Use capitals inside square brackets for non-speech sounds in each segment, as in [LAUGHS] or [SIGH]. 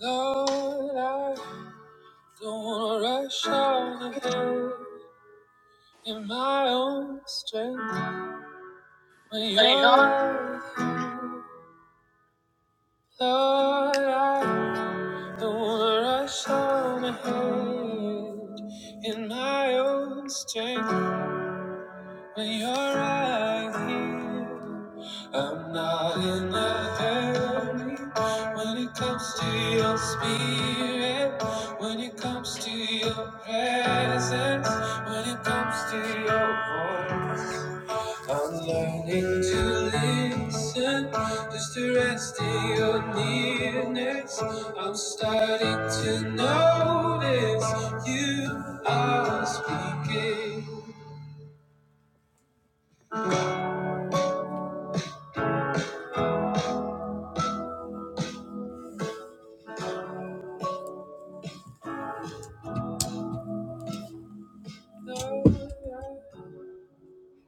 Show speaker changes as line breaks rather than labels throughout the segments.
Lord, I don't wanna rush out ahead in my own strength when you're
I
right here. Lord, I don't wanna rush out ahead in my own strength. When you're right here, I'm not in a hurry. When it comes to your spirit, when it comes to your presence, when it comes to your voice. I'm learning to listen just to rest in your nearness. I'm starting to notice you are speaking.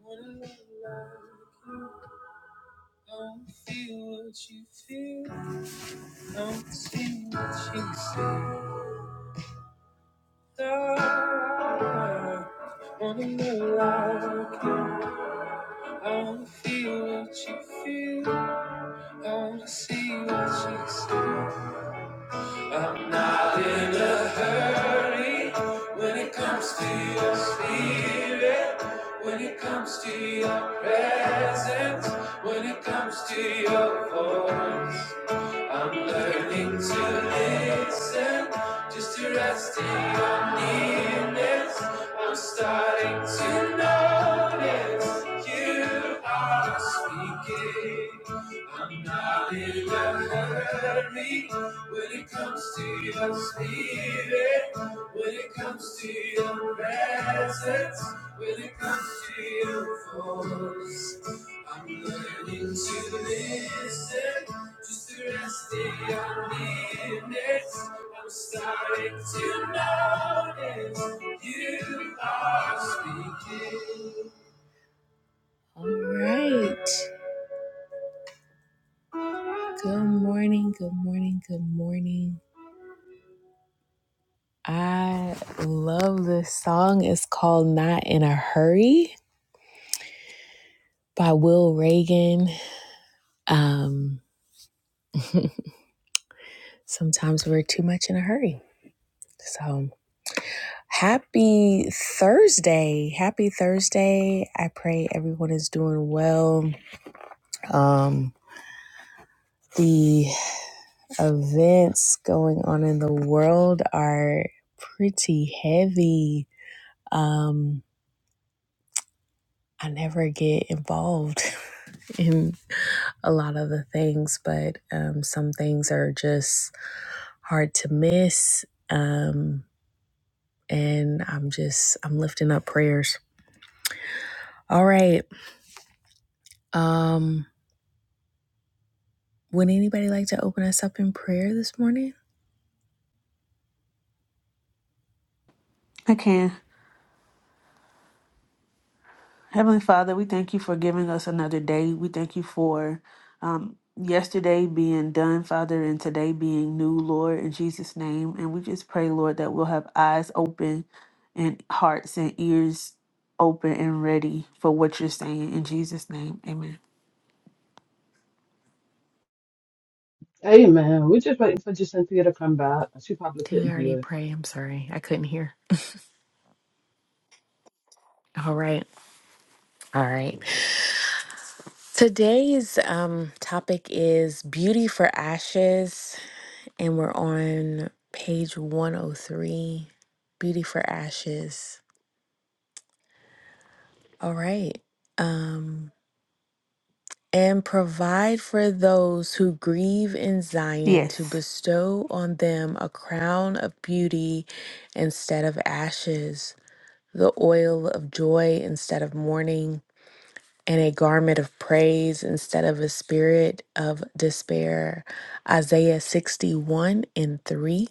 Wanna make love like you. Don't feel what you feel. Don't see what you see. Dark. Wanna make love like you. Don't feel what you feel. Don't see what you see. I'm not in a hurry when it comes to your spirit, when it comes to your presence, when it comes to your voice. I'm learning to listen just to rest in your nearness. I'm starting to notice you are speaking. I'm not in a hurry when it comes to your spirit, when it comes to your presence, when it comes to your voice. I'm learning to listen I'm starting to notice you are speaking. All right. Good morning, good morning, good morning. I love this song. It's called Not in a Hurry by Will Reagan. Um, sometimes we're too much in a hurry. so. Happy Thursday. Happy Thursday. I pray everyone is doing well. Um, the events going on in the world are pretty heavy. Um, I never get involved [LAUGHS] in a lot of the things, but um, some things are just hard to miss. Um, and I'm just, I'm lifting up prayers. All right. Um. Would anybody like to open us up in prayer this morning?
can. Heavenly Father, we thank you for giving us another day. We thank you for um, yesterday being done, Father, and today being new, Lord, in Jesus' name. And we just pray, Lord, that we'll have eyes open and hearts and ears open and ready for what you're saying in Jesus' name. Amen.
Amen. We're just waiting for Jacinthia to come back. She probably
Did we
couldn't
already
hear us.
pray? I'm sorry. I couldn't hear. All right. All right. Today's um topic is beauty for ashes and we're on page 103. Beauty for ashes. All right. Um and provide for those who grieve in Zion to
Yes.
bestow on them a crown of beauty instead of ashes, the oil of joy instead of mourning, and a garment of praise instead of a spirit of despair. Isaiah 61 and 3.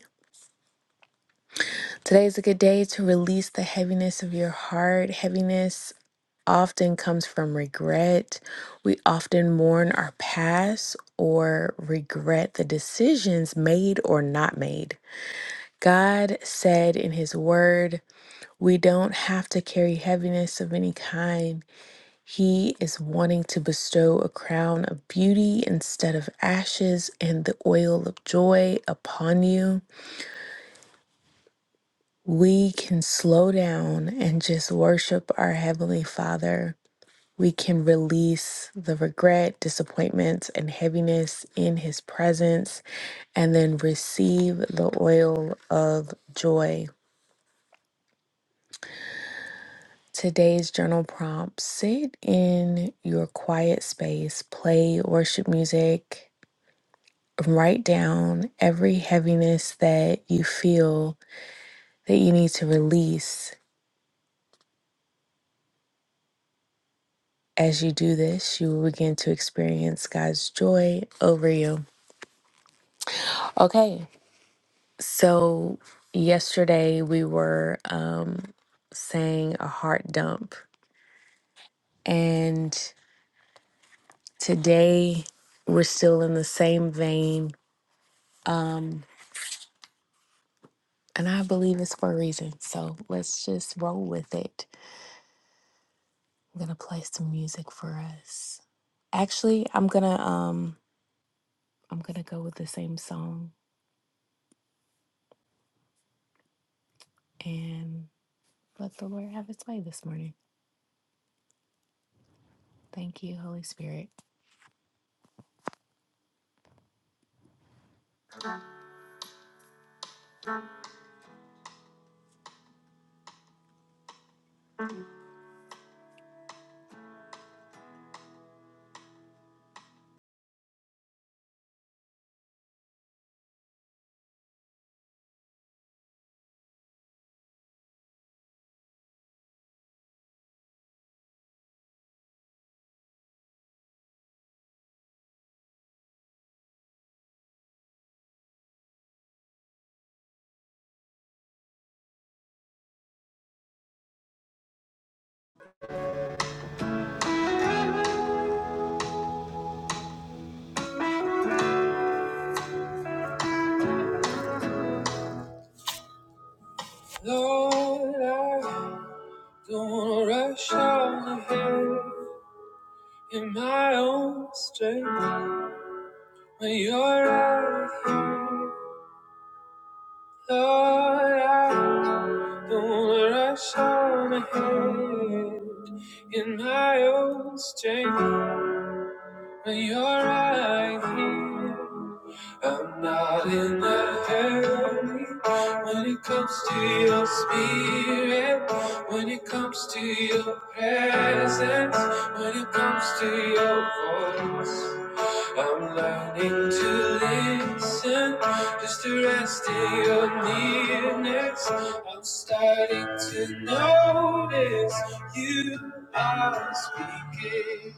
Today is a good day to release the heaviness of your heart, heaviness often comes from regret. We often mourn our past or regret the decisions made or not made. God said in His Word, we don't have to carry heaviness of any kind. He is wanting to bestow a crown of beauty instead of ashes and the oil of joy upon you. We can slow down and just worship our Heavenly Father we can release the regret, disappointments, and heaviness in His presence, and then receive the oil of joy. Today's journal prompt sit in your quiet space, play worship music, write down every heaviness that you feel that you need to release. As you do this, you will begin to experience God's joy over you. Okay, So yesterday we were um, saying a heart dump, and today we're still in the same vein. Um, and I believe it's for a reason. So let's just roll with it. I'm gonna play some music for us. Actually, I'm gonna um, I'm gonna go with the same song and let the Lord have His way this morning. Thank you, Holy Spirit. Lord, Don't want to rush on ahead in my own strength when you're out of here. Lord, i don't want to rush on ahead in my own strength But you're right here. I'm not in a hurry. When it comes to your spirit, when it comes to your presence, when it comes to your voice, I'm learning to listen just to rest in your nearness. I'm starting to notice you are speaking.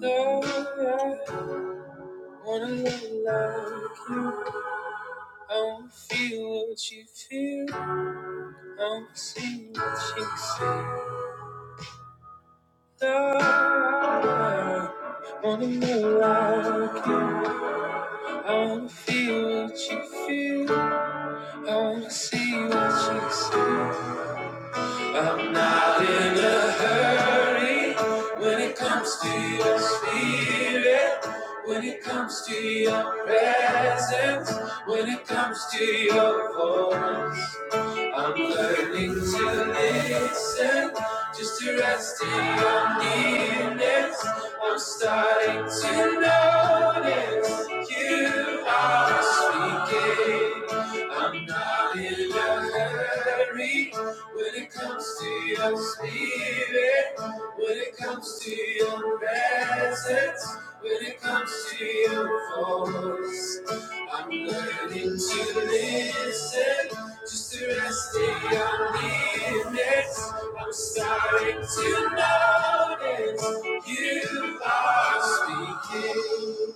Lord, Wanna look like you. I don't feel what you feel. I don't see what you see. I Wanna look like you. I don't feel what you feel. I don't see what you see. I'm not in a hurry when it comes to your spirit, when it comes to your presence, when it comes to your voice. I'm learning to listen just to rest in your nearness. I'm starting to notice you are speaking. I'm not in a hurry. When it comes to your spirit, when it comes to your presence, when it comes to your voice, I'm learning to listen just to rest in your nearness. I'm starting to notice you are speaking.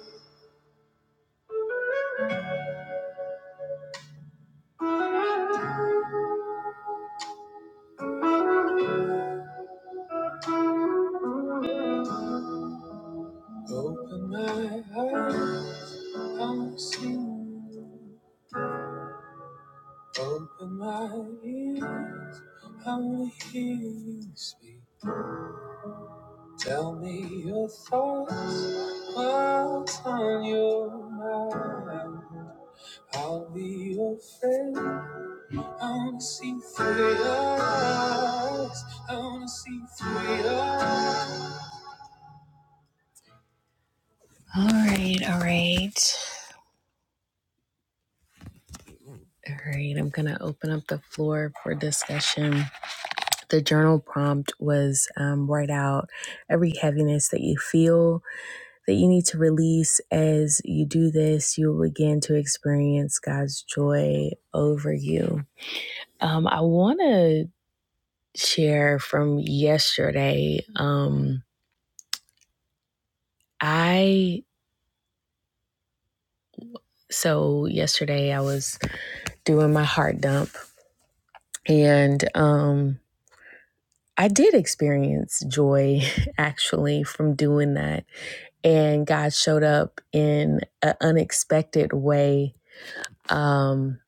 Open my heart, I'm seeing. Open my ears, I wanna hear you speak. Tell me your thoughts, what's on your mind. I'll be your friend. I wanna see through your eyes. I wanna see through your eyes. All right, all right. All right, I'm gonna open up the floor for discussion. The journal prompt was um, write out every heaviness that you feel that you need to release as you do this, you'll begin to experience God's joy over you. Um, I want to share from yesterday. Um, I, so yesterday I was doing my heart dump and, um, I did experience joy [LAUGHS] actually from doing that. And God showed up in an unexpected way. Um,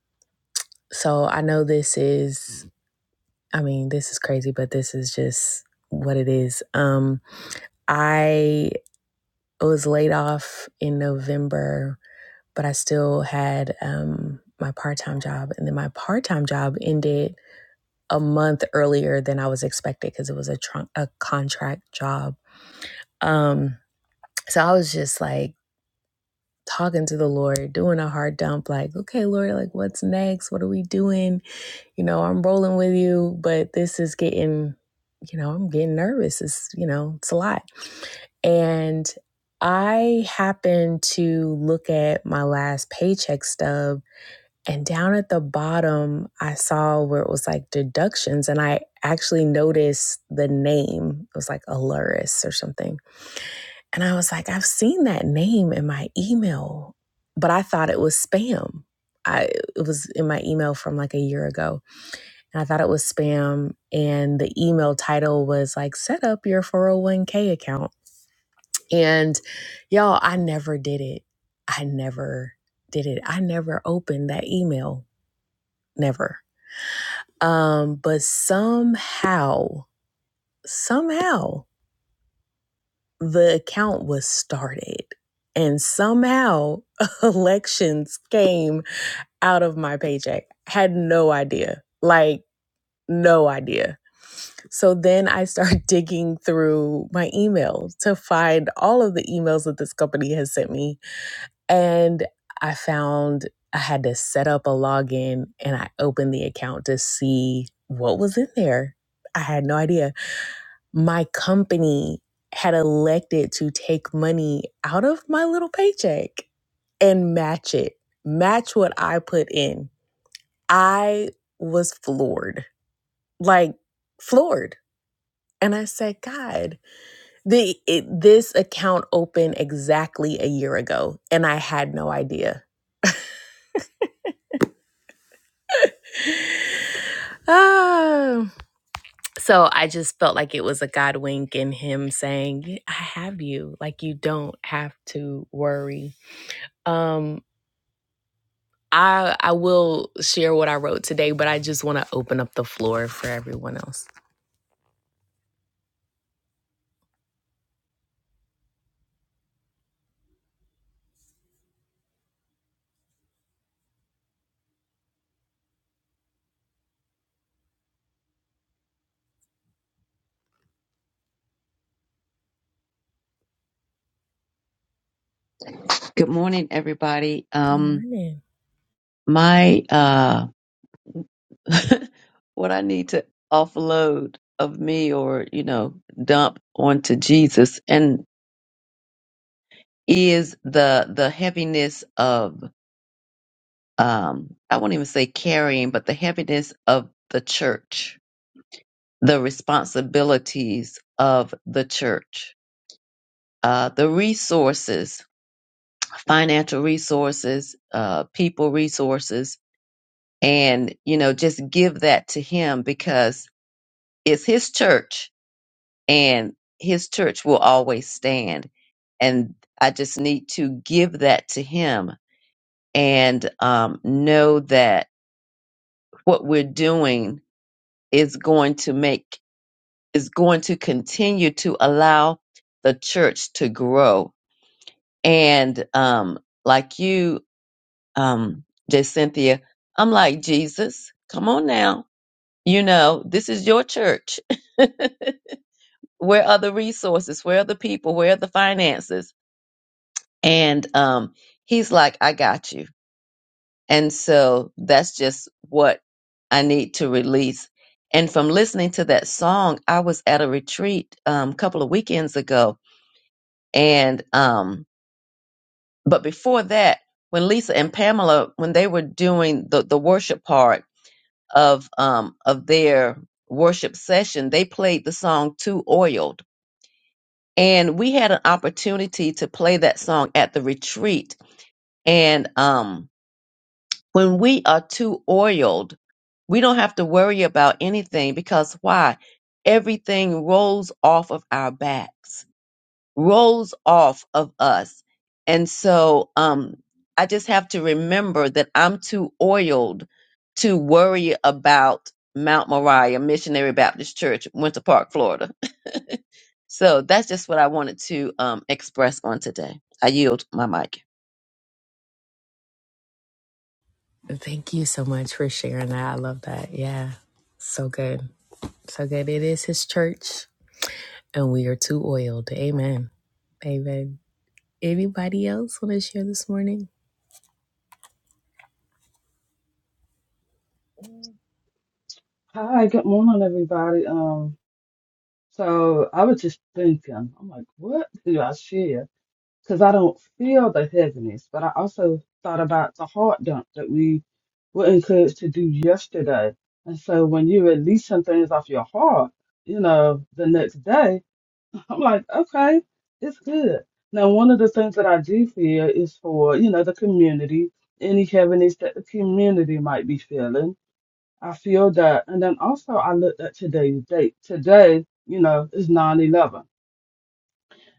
so I know this is I mean, this is crazy, but this is just what it is. Um, I was laid off in November, but I still had um, my part time job. And then my part time job ended a month earlier than I was expected because it was a, tr- a contract job. Um, so I was just like talking to the Lord, doing a hard dump, like, okay, Lord, like, what's next? What are we doing? you know, I'm rolling with you, but this is getting, you know, I'm getting nervous. It's, you know, it's a lot. And I happened to look at my last paycheck stub, and down at the bottom, I saw where it was like deductions. And I actually noticed the name. It was like Aluris or something. And I was like, I've seen that name in my email, but I thought it was spam. I, it was in my email from like a year ago and I thought it was spam. And the email title was like, set up your 401k account. And y'all, I never did it. I never did it. I never opened that email. Never. Um, but somehow, somehow the account was started. And somehow [LAUGHS] elections came out of my paycheck. Had no idea. Like No idea. So then I start [LAUGHS] digging through my email to find all of the emails that this company has sent me. And I found I had to set up a login and I opened the account to see what was in there. I had no idea. My company had elected to take money out of my little paycheck and match it, match what I put in. I was floored, like floored. And I said, God, the, it, this account opened exactly a year ago, and I had no idea. [SIGHS] Ah. So I just felt like it was a God wink in Him saying, "Yeah, I have you. Like, you don't have to worry. Um, I, I will share what I wrote today, but I just want to open up the floor for everyone else.
Good morning, everybody.
Good
Um,
morning.
my uh, [LAUGHS] what I need to offload of me, or you know, dump onto Jesus, and is the the heaviness of um, I won't even say carrying, but the heaviness of the church, the responsibilities of the church, uh, the resources, financial resources, uh, people resources, and you know, just give that to Him because It's his church, and his church will always stand. And I just need to give that to him and um, know that what we're doing is going to make is going to continue to allow the church to grow. And um, like you, um, Cynthia, I'm like Jesus. Come on now, you know this is your church. [LAUGHS] Where are the resources? Where are the people? Where are the finances? And um, he's like, I got you. And so that's just what I need to release. And from listening to that song, I was at a retreat um, a couple of weekends ago. And, um, but before that, when Lisa and Pamela, when they were doing the, the worship part of, um, of their worship session, they played the song Too Oiled. And we had an opportunity to play that song at the retreat. And, um, When we are too oiled, we don't have to worry about anything because why? Everything rolls off of our backs, rolls off of us. And so um, I just have to remember that I'm too oiled to worry about Mount Moriah Missionary Baptist Church, Winter Park, Florida. [LAUGHS] So that's just what I wanted to um, express on today. I yield my mic.
Thank you so much for sharing that. I love that. Yeah. So good. So good. It is his church. and we are too oiled. Amen. Amen. Anybody else want to share this morning?
Hi, good morning, everybody. Um, so I was just thinking, I'm like, what do I share? Because I don't feel the heaviness, but I also thought about the heart dump that we were encouraged to do yesterday. And so when you release some things off your heart, you know, the next day. I'm like, okay, it's good. Now, one of the things that I do feel is for, you know, the community, any heaviness that the community might be feeling. I feel that. And then also I looked at today's date. Today, you know, is nine eleven.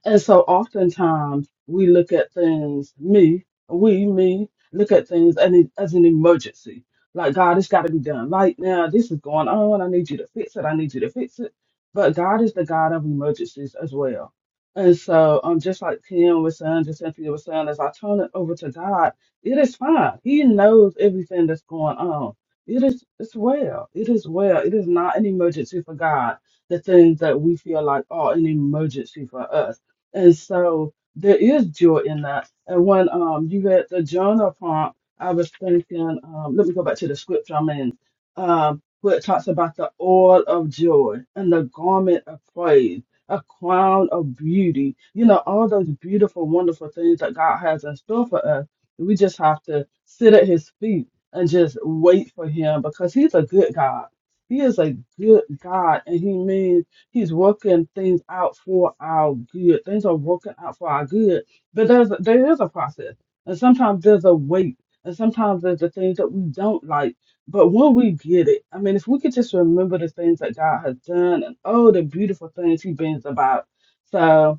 And so oftentimes we look at things, me, we, me, look at things and it- as an emergency. Like, God, it's got to be done. Like, now this is going on. I need you to fix it. I need you to fix it. But God is the God of emergencies as well. And so, um, just like Kim was saying, just Cynthia was saying, as I turn it over to God, it is fine. He knows everything that's going on. It is, it's well. It is well. It is not an emergency for God the things that we feel like are an emergency for us. And so there is joy in that. And when um you read the Jonah prompt, I was thinking, um, let me go back to the scripture I'm in, um, where it talks about the oil of joy and the garment of praise, a crown of beauty. You know, all those beautiful, wonderful things that God has in store for us. We just have to sit at his feet and just wait for him because he's a good God. He is a good God and he means He's working things out for our good. Things are working out for our good. But there's a, there is a process. And sometimes there's a wait. And sometimes there's the things that we don't like. But when we get it, I mean, if we could just remember the things that God has done and all the beautiful things He brings about. So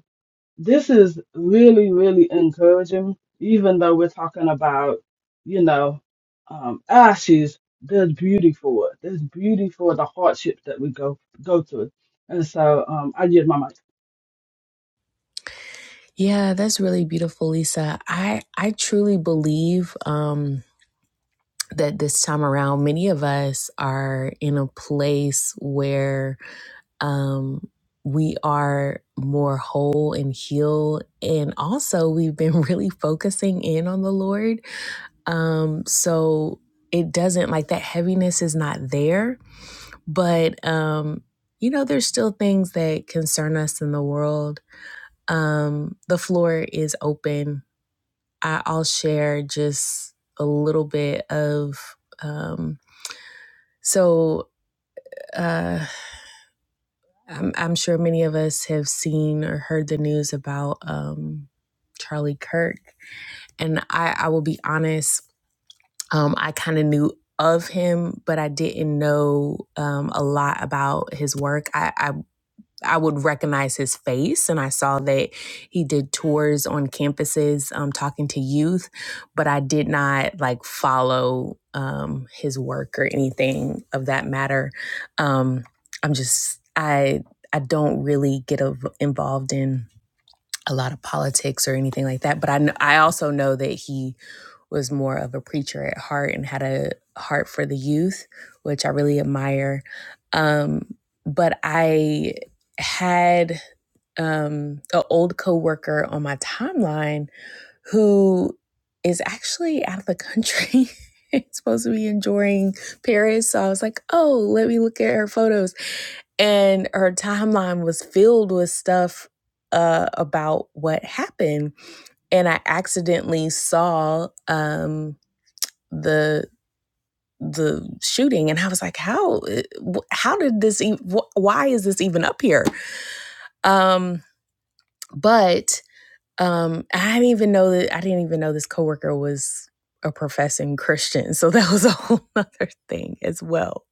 this is really, really encouraging, even though we're talking about, you know, um, ashes, there's beauty for it. There's beauty for the hardships that we go go through. And so um, I give my mic.
Yeah, that's really beautiful, Lisa. I I truly believe um that this time around many of us are in a place where um, we are more whole and healed. And also, we've been [LAUGHS] really focusing in on the Lord. Um, so it doesn't like that heaviness is not there but um you know there's still things that concern us in the world um the floor is open I, i'll share just a little bit of um so uh I'm, I'm sure many of us have seen or heard the news about um charlie kirk and i i will be honest um i kind of knew of him but i didn't know um, a lot about his work I. I I would recognize his face, and I saw that he did tours on campuses um, talking to youth, but I did not like follow um, his work or anything of that matter. Um, I'm just I I don't really get av- involved in a lot of politics or anything like that. But I kn- I also know that he was more of a preacher at heart and had a heart for the youth, which I really admire. Um, but I had um, an old coworker on my timeline who is actually out of the country. [LAUGHS] It's supposed to be enjoying Paris. So I was like, oh, let me look at her photos and her timeline was filled with stuff uh, about what happened. And I accidentally saw um, the the shooting and i was like how eh, how did this e- why is this even up here um but um i didn't even know that i didn't even know this coworker was a professing christian so [LAUGHS] that was a whole other thing as well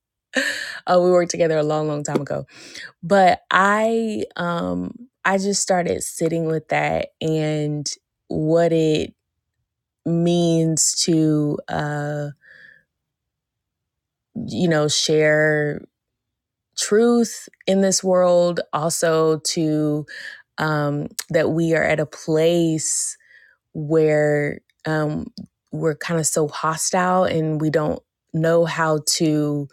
uh, we worked together a long long time ago but i um i just started sitting with that and what it means to uh you know share truth in this world, also to um, that we are at a place where um, we're kind of so hostile and we don't know how to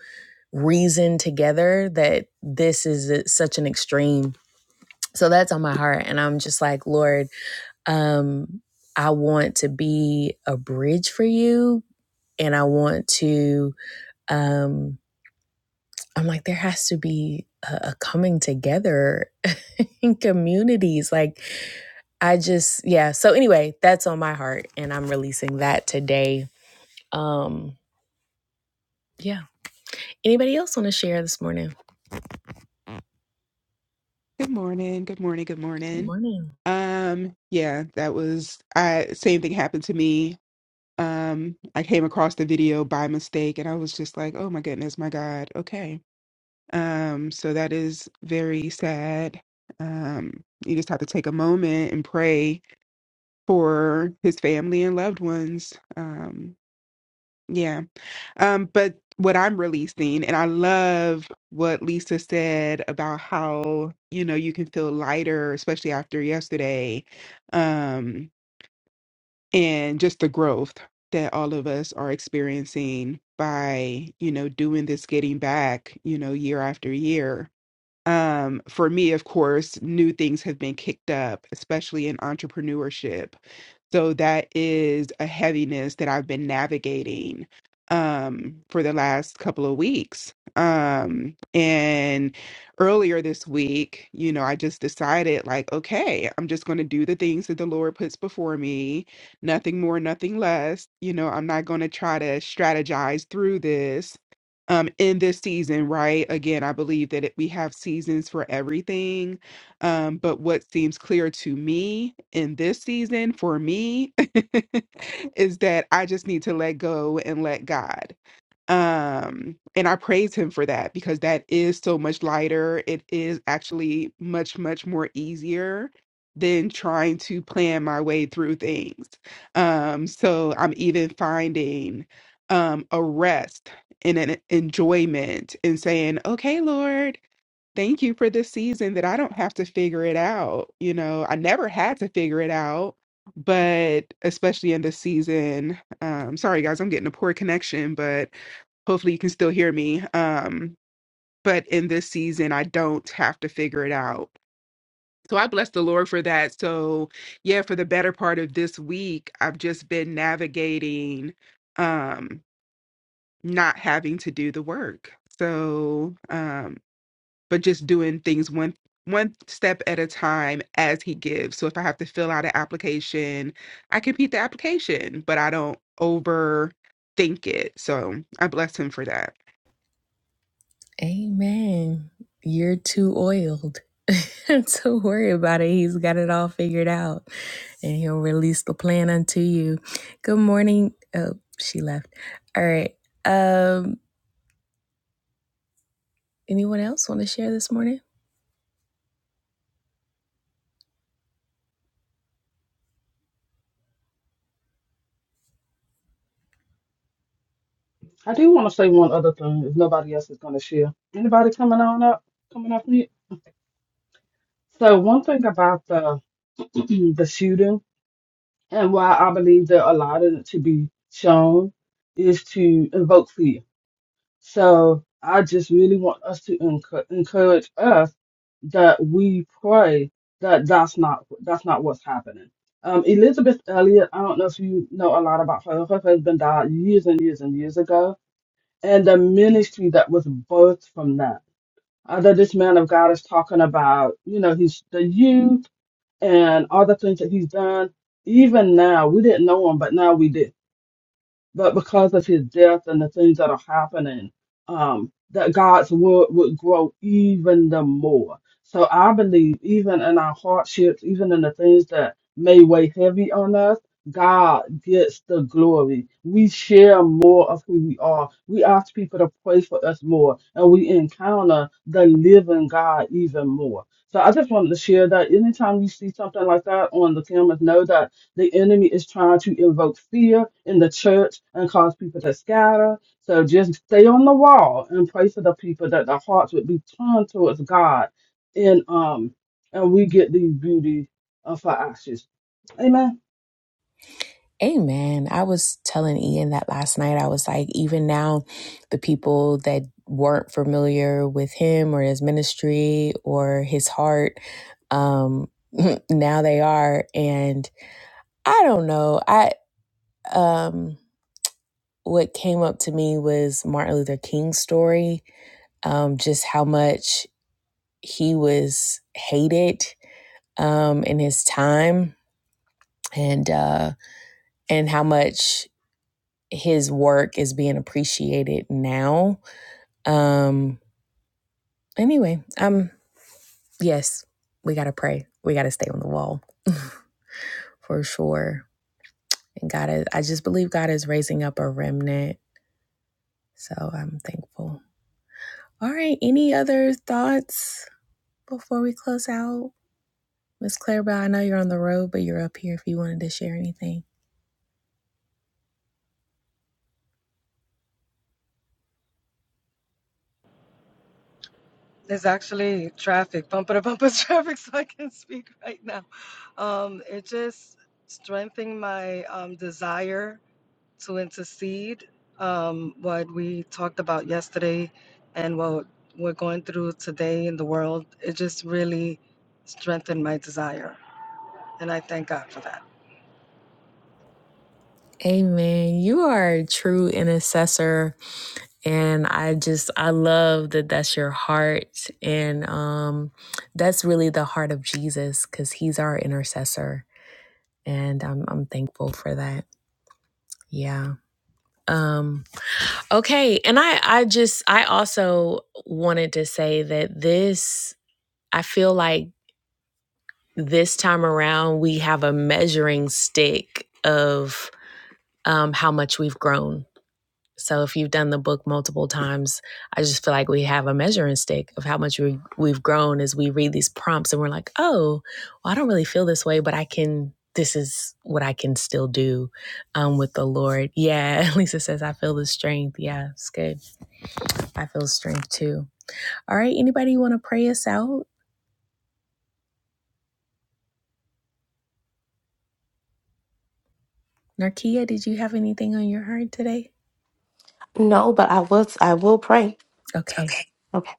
reason together that this is a- such an extreme. So that's on my heart. And I'm just like, Lord, um, I want to be a bridge for you. And I want to, um, I'm like, there has to be a, a coming together in communities. Like, I just, yeah. So, anyway, that's on my heart, and I'm releasing that today. Um, yeah. Anybody else want to share this morning?
Good morning. Good morning. Good
Good
morning.
morning.
Um, yeah, that was I same thing happened to me. Um, I came across the video by mistake and I was just like, "Oh my goodness, my God." Okay. Um, so that is very sad. Um, you just have to take a moment and pray for his family and loved ones. Um, yeah. Um, but what I'm releasing, and I love what Lisa said about how, you know, you can feel lighter, especially after yesterday, um, and just the growth that all of us are experiencing by, you know, doing this getting back, you know, year after year. Um, for me, of course, new things have been kicked up, especially in entrepreneurship so that is a heaviness that I've been navigating um for the last couple of weeks. Um and earlier this week, you know, I just decided like, okay, I'm just going to do the things that the Lord puts before me, nothing more, nothing less. You know, I'm not going to try to strategize through this um in this season, right? Again, I believe that it, we have seasons for everything um, but what seems clear to me in this season for me [LAUGHS] is that I just need to let go and let God. Um, and I praise him for that because that is so much lighter. It is actually much, much more easier than trying to plan my way through things. Um, so I'm even finding um a rest and an enjoyment in saying, Okay, Lord. Thank you for this season that I don't have to figure it out. You know, I never had to figure it out, but especially in this season, um, sorry guys, I'm getting a poor connection, but hopefully you can still hear me. Um, but in this season, I don't have to figure it out. So I bless the Lord for that. So yeah, for the better part of this week, I've just been navigating um not having to do the work. So um but just doing things one one step at a time as he gives. So if I have to fill out an application, I complete the application, but I don't overthink it. So I bless him for that.
Amen. You're too oiled. [LAUGHS] Don't worry about it. He's got it all figured out, and he'll release the plan unto you. Good morning. Oh, she left. All right. Um, anyone else want to share this morning?
I do want to say one other thing if nobody else is going to share. Anybody coming on up? Coming up here? So one thing about the [CLEARS THROAT] the shooting and why I believe they're allowed to be shown is to evoke fear So I just really want us to encour- encourage us that we pray that that's not that's not what's happening. Um, Elizabeth Elliot, I don't know if you know a lot about her. Her husband died years and years and years ago, and the ministry that was birthed from that. Uh, that this man of God is talking about, you know, he's the youth and all the things that he's done. Even now, we didn't know him, but now we do but because of his death and the things that are happening, um, that God's word would grow even the more. So I believe even in our hardships, even in the things that may weigh heavy on us, God gets the glory. We share more of who we are. We ask people to pray for us more, and we encounter the living God even more. So I just wanted to share that anytime you see something like that on the cameras, know that the enemy is trying to invoke fear in the church and cause people to scatter. So just stay on the wall and pray for the people that their hearts would be turned towards God. And um, and we get these beauty uh, for ashes. Amen.
Amen. I was telling Ian that last night. I was like, even now, the people that weren't familiar with him or his ministry or his heart, um, [LAUGHS] now they are. And I don't know. I um, what came up to me was Martin Luther King's story. Um, just how much he was hated um, in his time, and uh, and how much his work is being appreciated now. Um anyway, um yes, we got to pray. We got to stay on the wall [LAUGHS] for sure. And God is I just believe God is raising up a remnant. So I'm thankful. All right, any other thoughts before we close out? Miss Clarabelle, I know you're on the road, but you're up here if you wanted to share anything.
There's actually traffic, bumper to bumper [LAUGHS] traffic, so I can speak right now. Um, it just strengthened my um, desire to intercede. Um, what we talked about yesterday and what we're going through today in the world, it just really strengthened my desire. And I thank God for that.
Amen. You are a true intercessor and i just i love that that's your heart and um that's really the heart of jesus because he's our intercessor and i'm i'm thankful for that yeah um okay and i i just i also wanted to say that this i feel like this time around we have a measuring stick of um how much we've grown So if you've done the book multiple times, I just feel like we have a measuring stick of how much we, we've grown as we read these prompts and we're like, oh, well, I don't really feel this way, but I can. This is what I can still do um, with the Lord. Yeah, [LAUGHS] Lisa says, I feel the strength. Yeah, it's good. I feel strength too. All right, anybody want to pray us out? Narkia, did you have anything on your heart today?
No, but I will I will pray.
Okay.
Okay. Okay.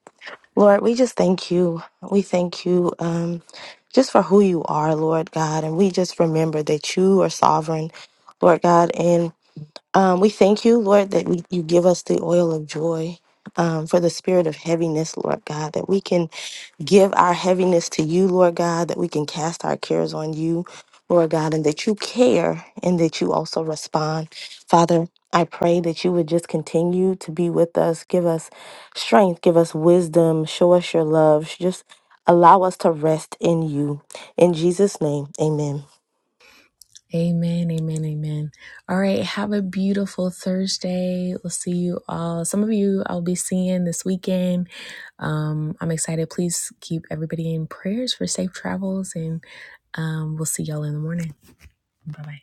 Lord, we just thank you. We thank you um just for who you are, Lord God, and we just remember that you are sovereign, Lord God, and um we thank you, Lord, that we, you give us the oil of joy. Um, for the spirit of heaviness, Lord God, that we can Give our heaviness to you, Lord God, that we can cast our cares on you, Lord God, and that you care and that you also respond. Father, I pray that you would just continue to be with us. Give us strength, give us wisdom, show us your love. Just allow us to rest in you. In Jesus' name, amen.
Amen, amen, amen. All right, have a beautiful Thursday. We'll see you all. Some of you I'll be seeing this weekend. Um, I'm excited. Please keep everybody in prayers for safe travels, and um, we'll see y'all in the morning. Bye bye.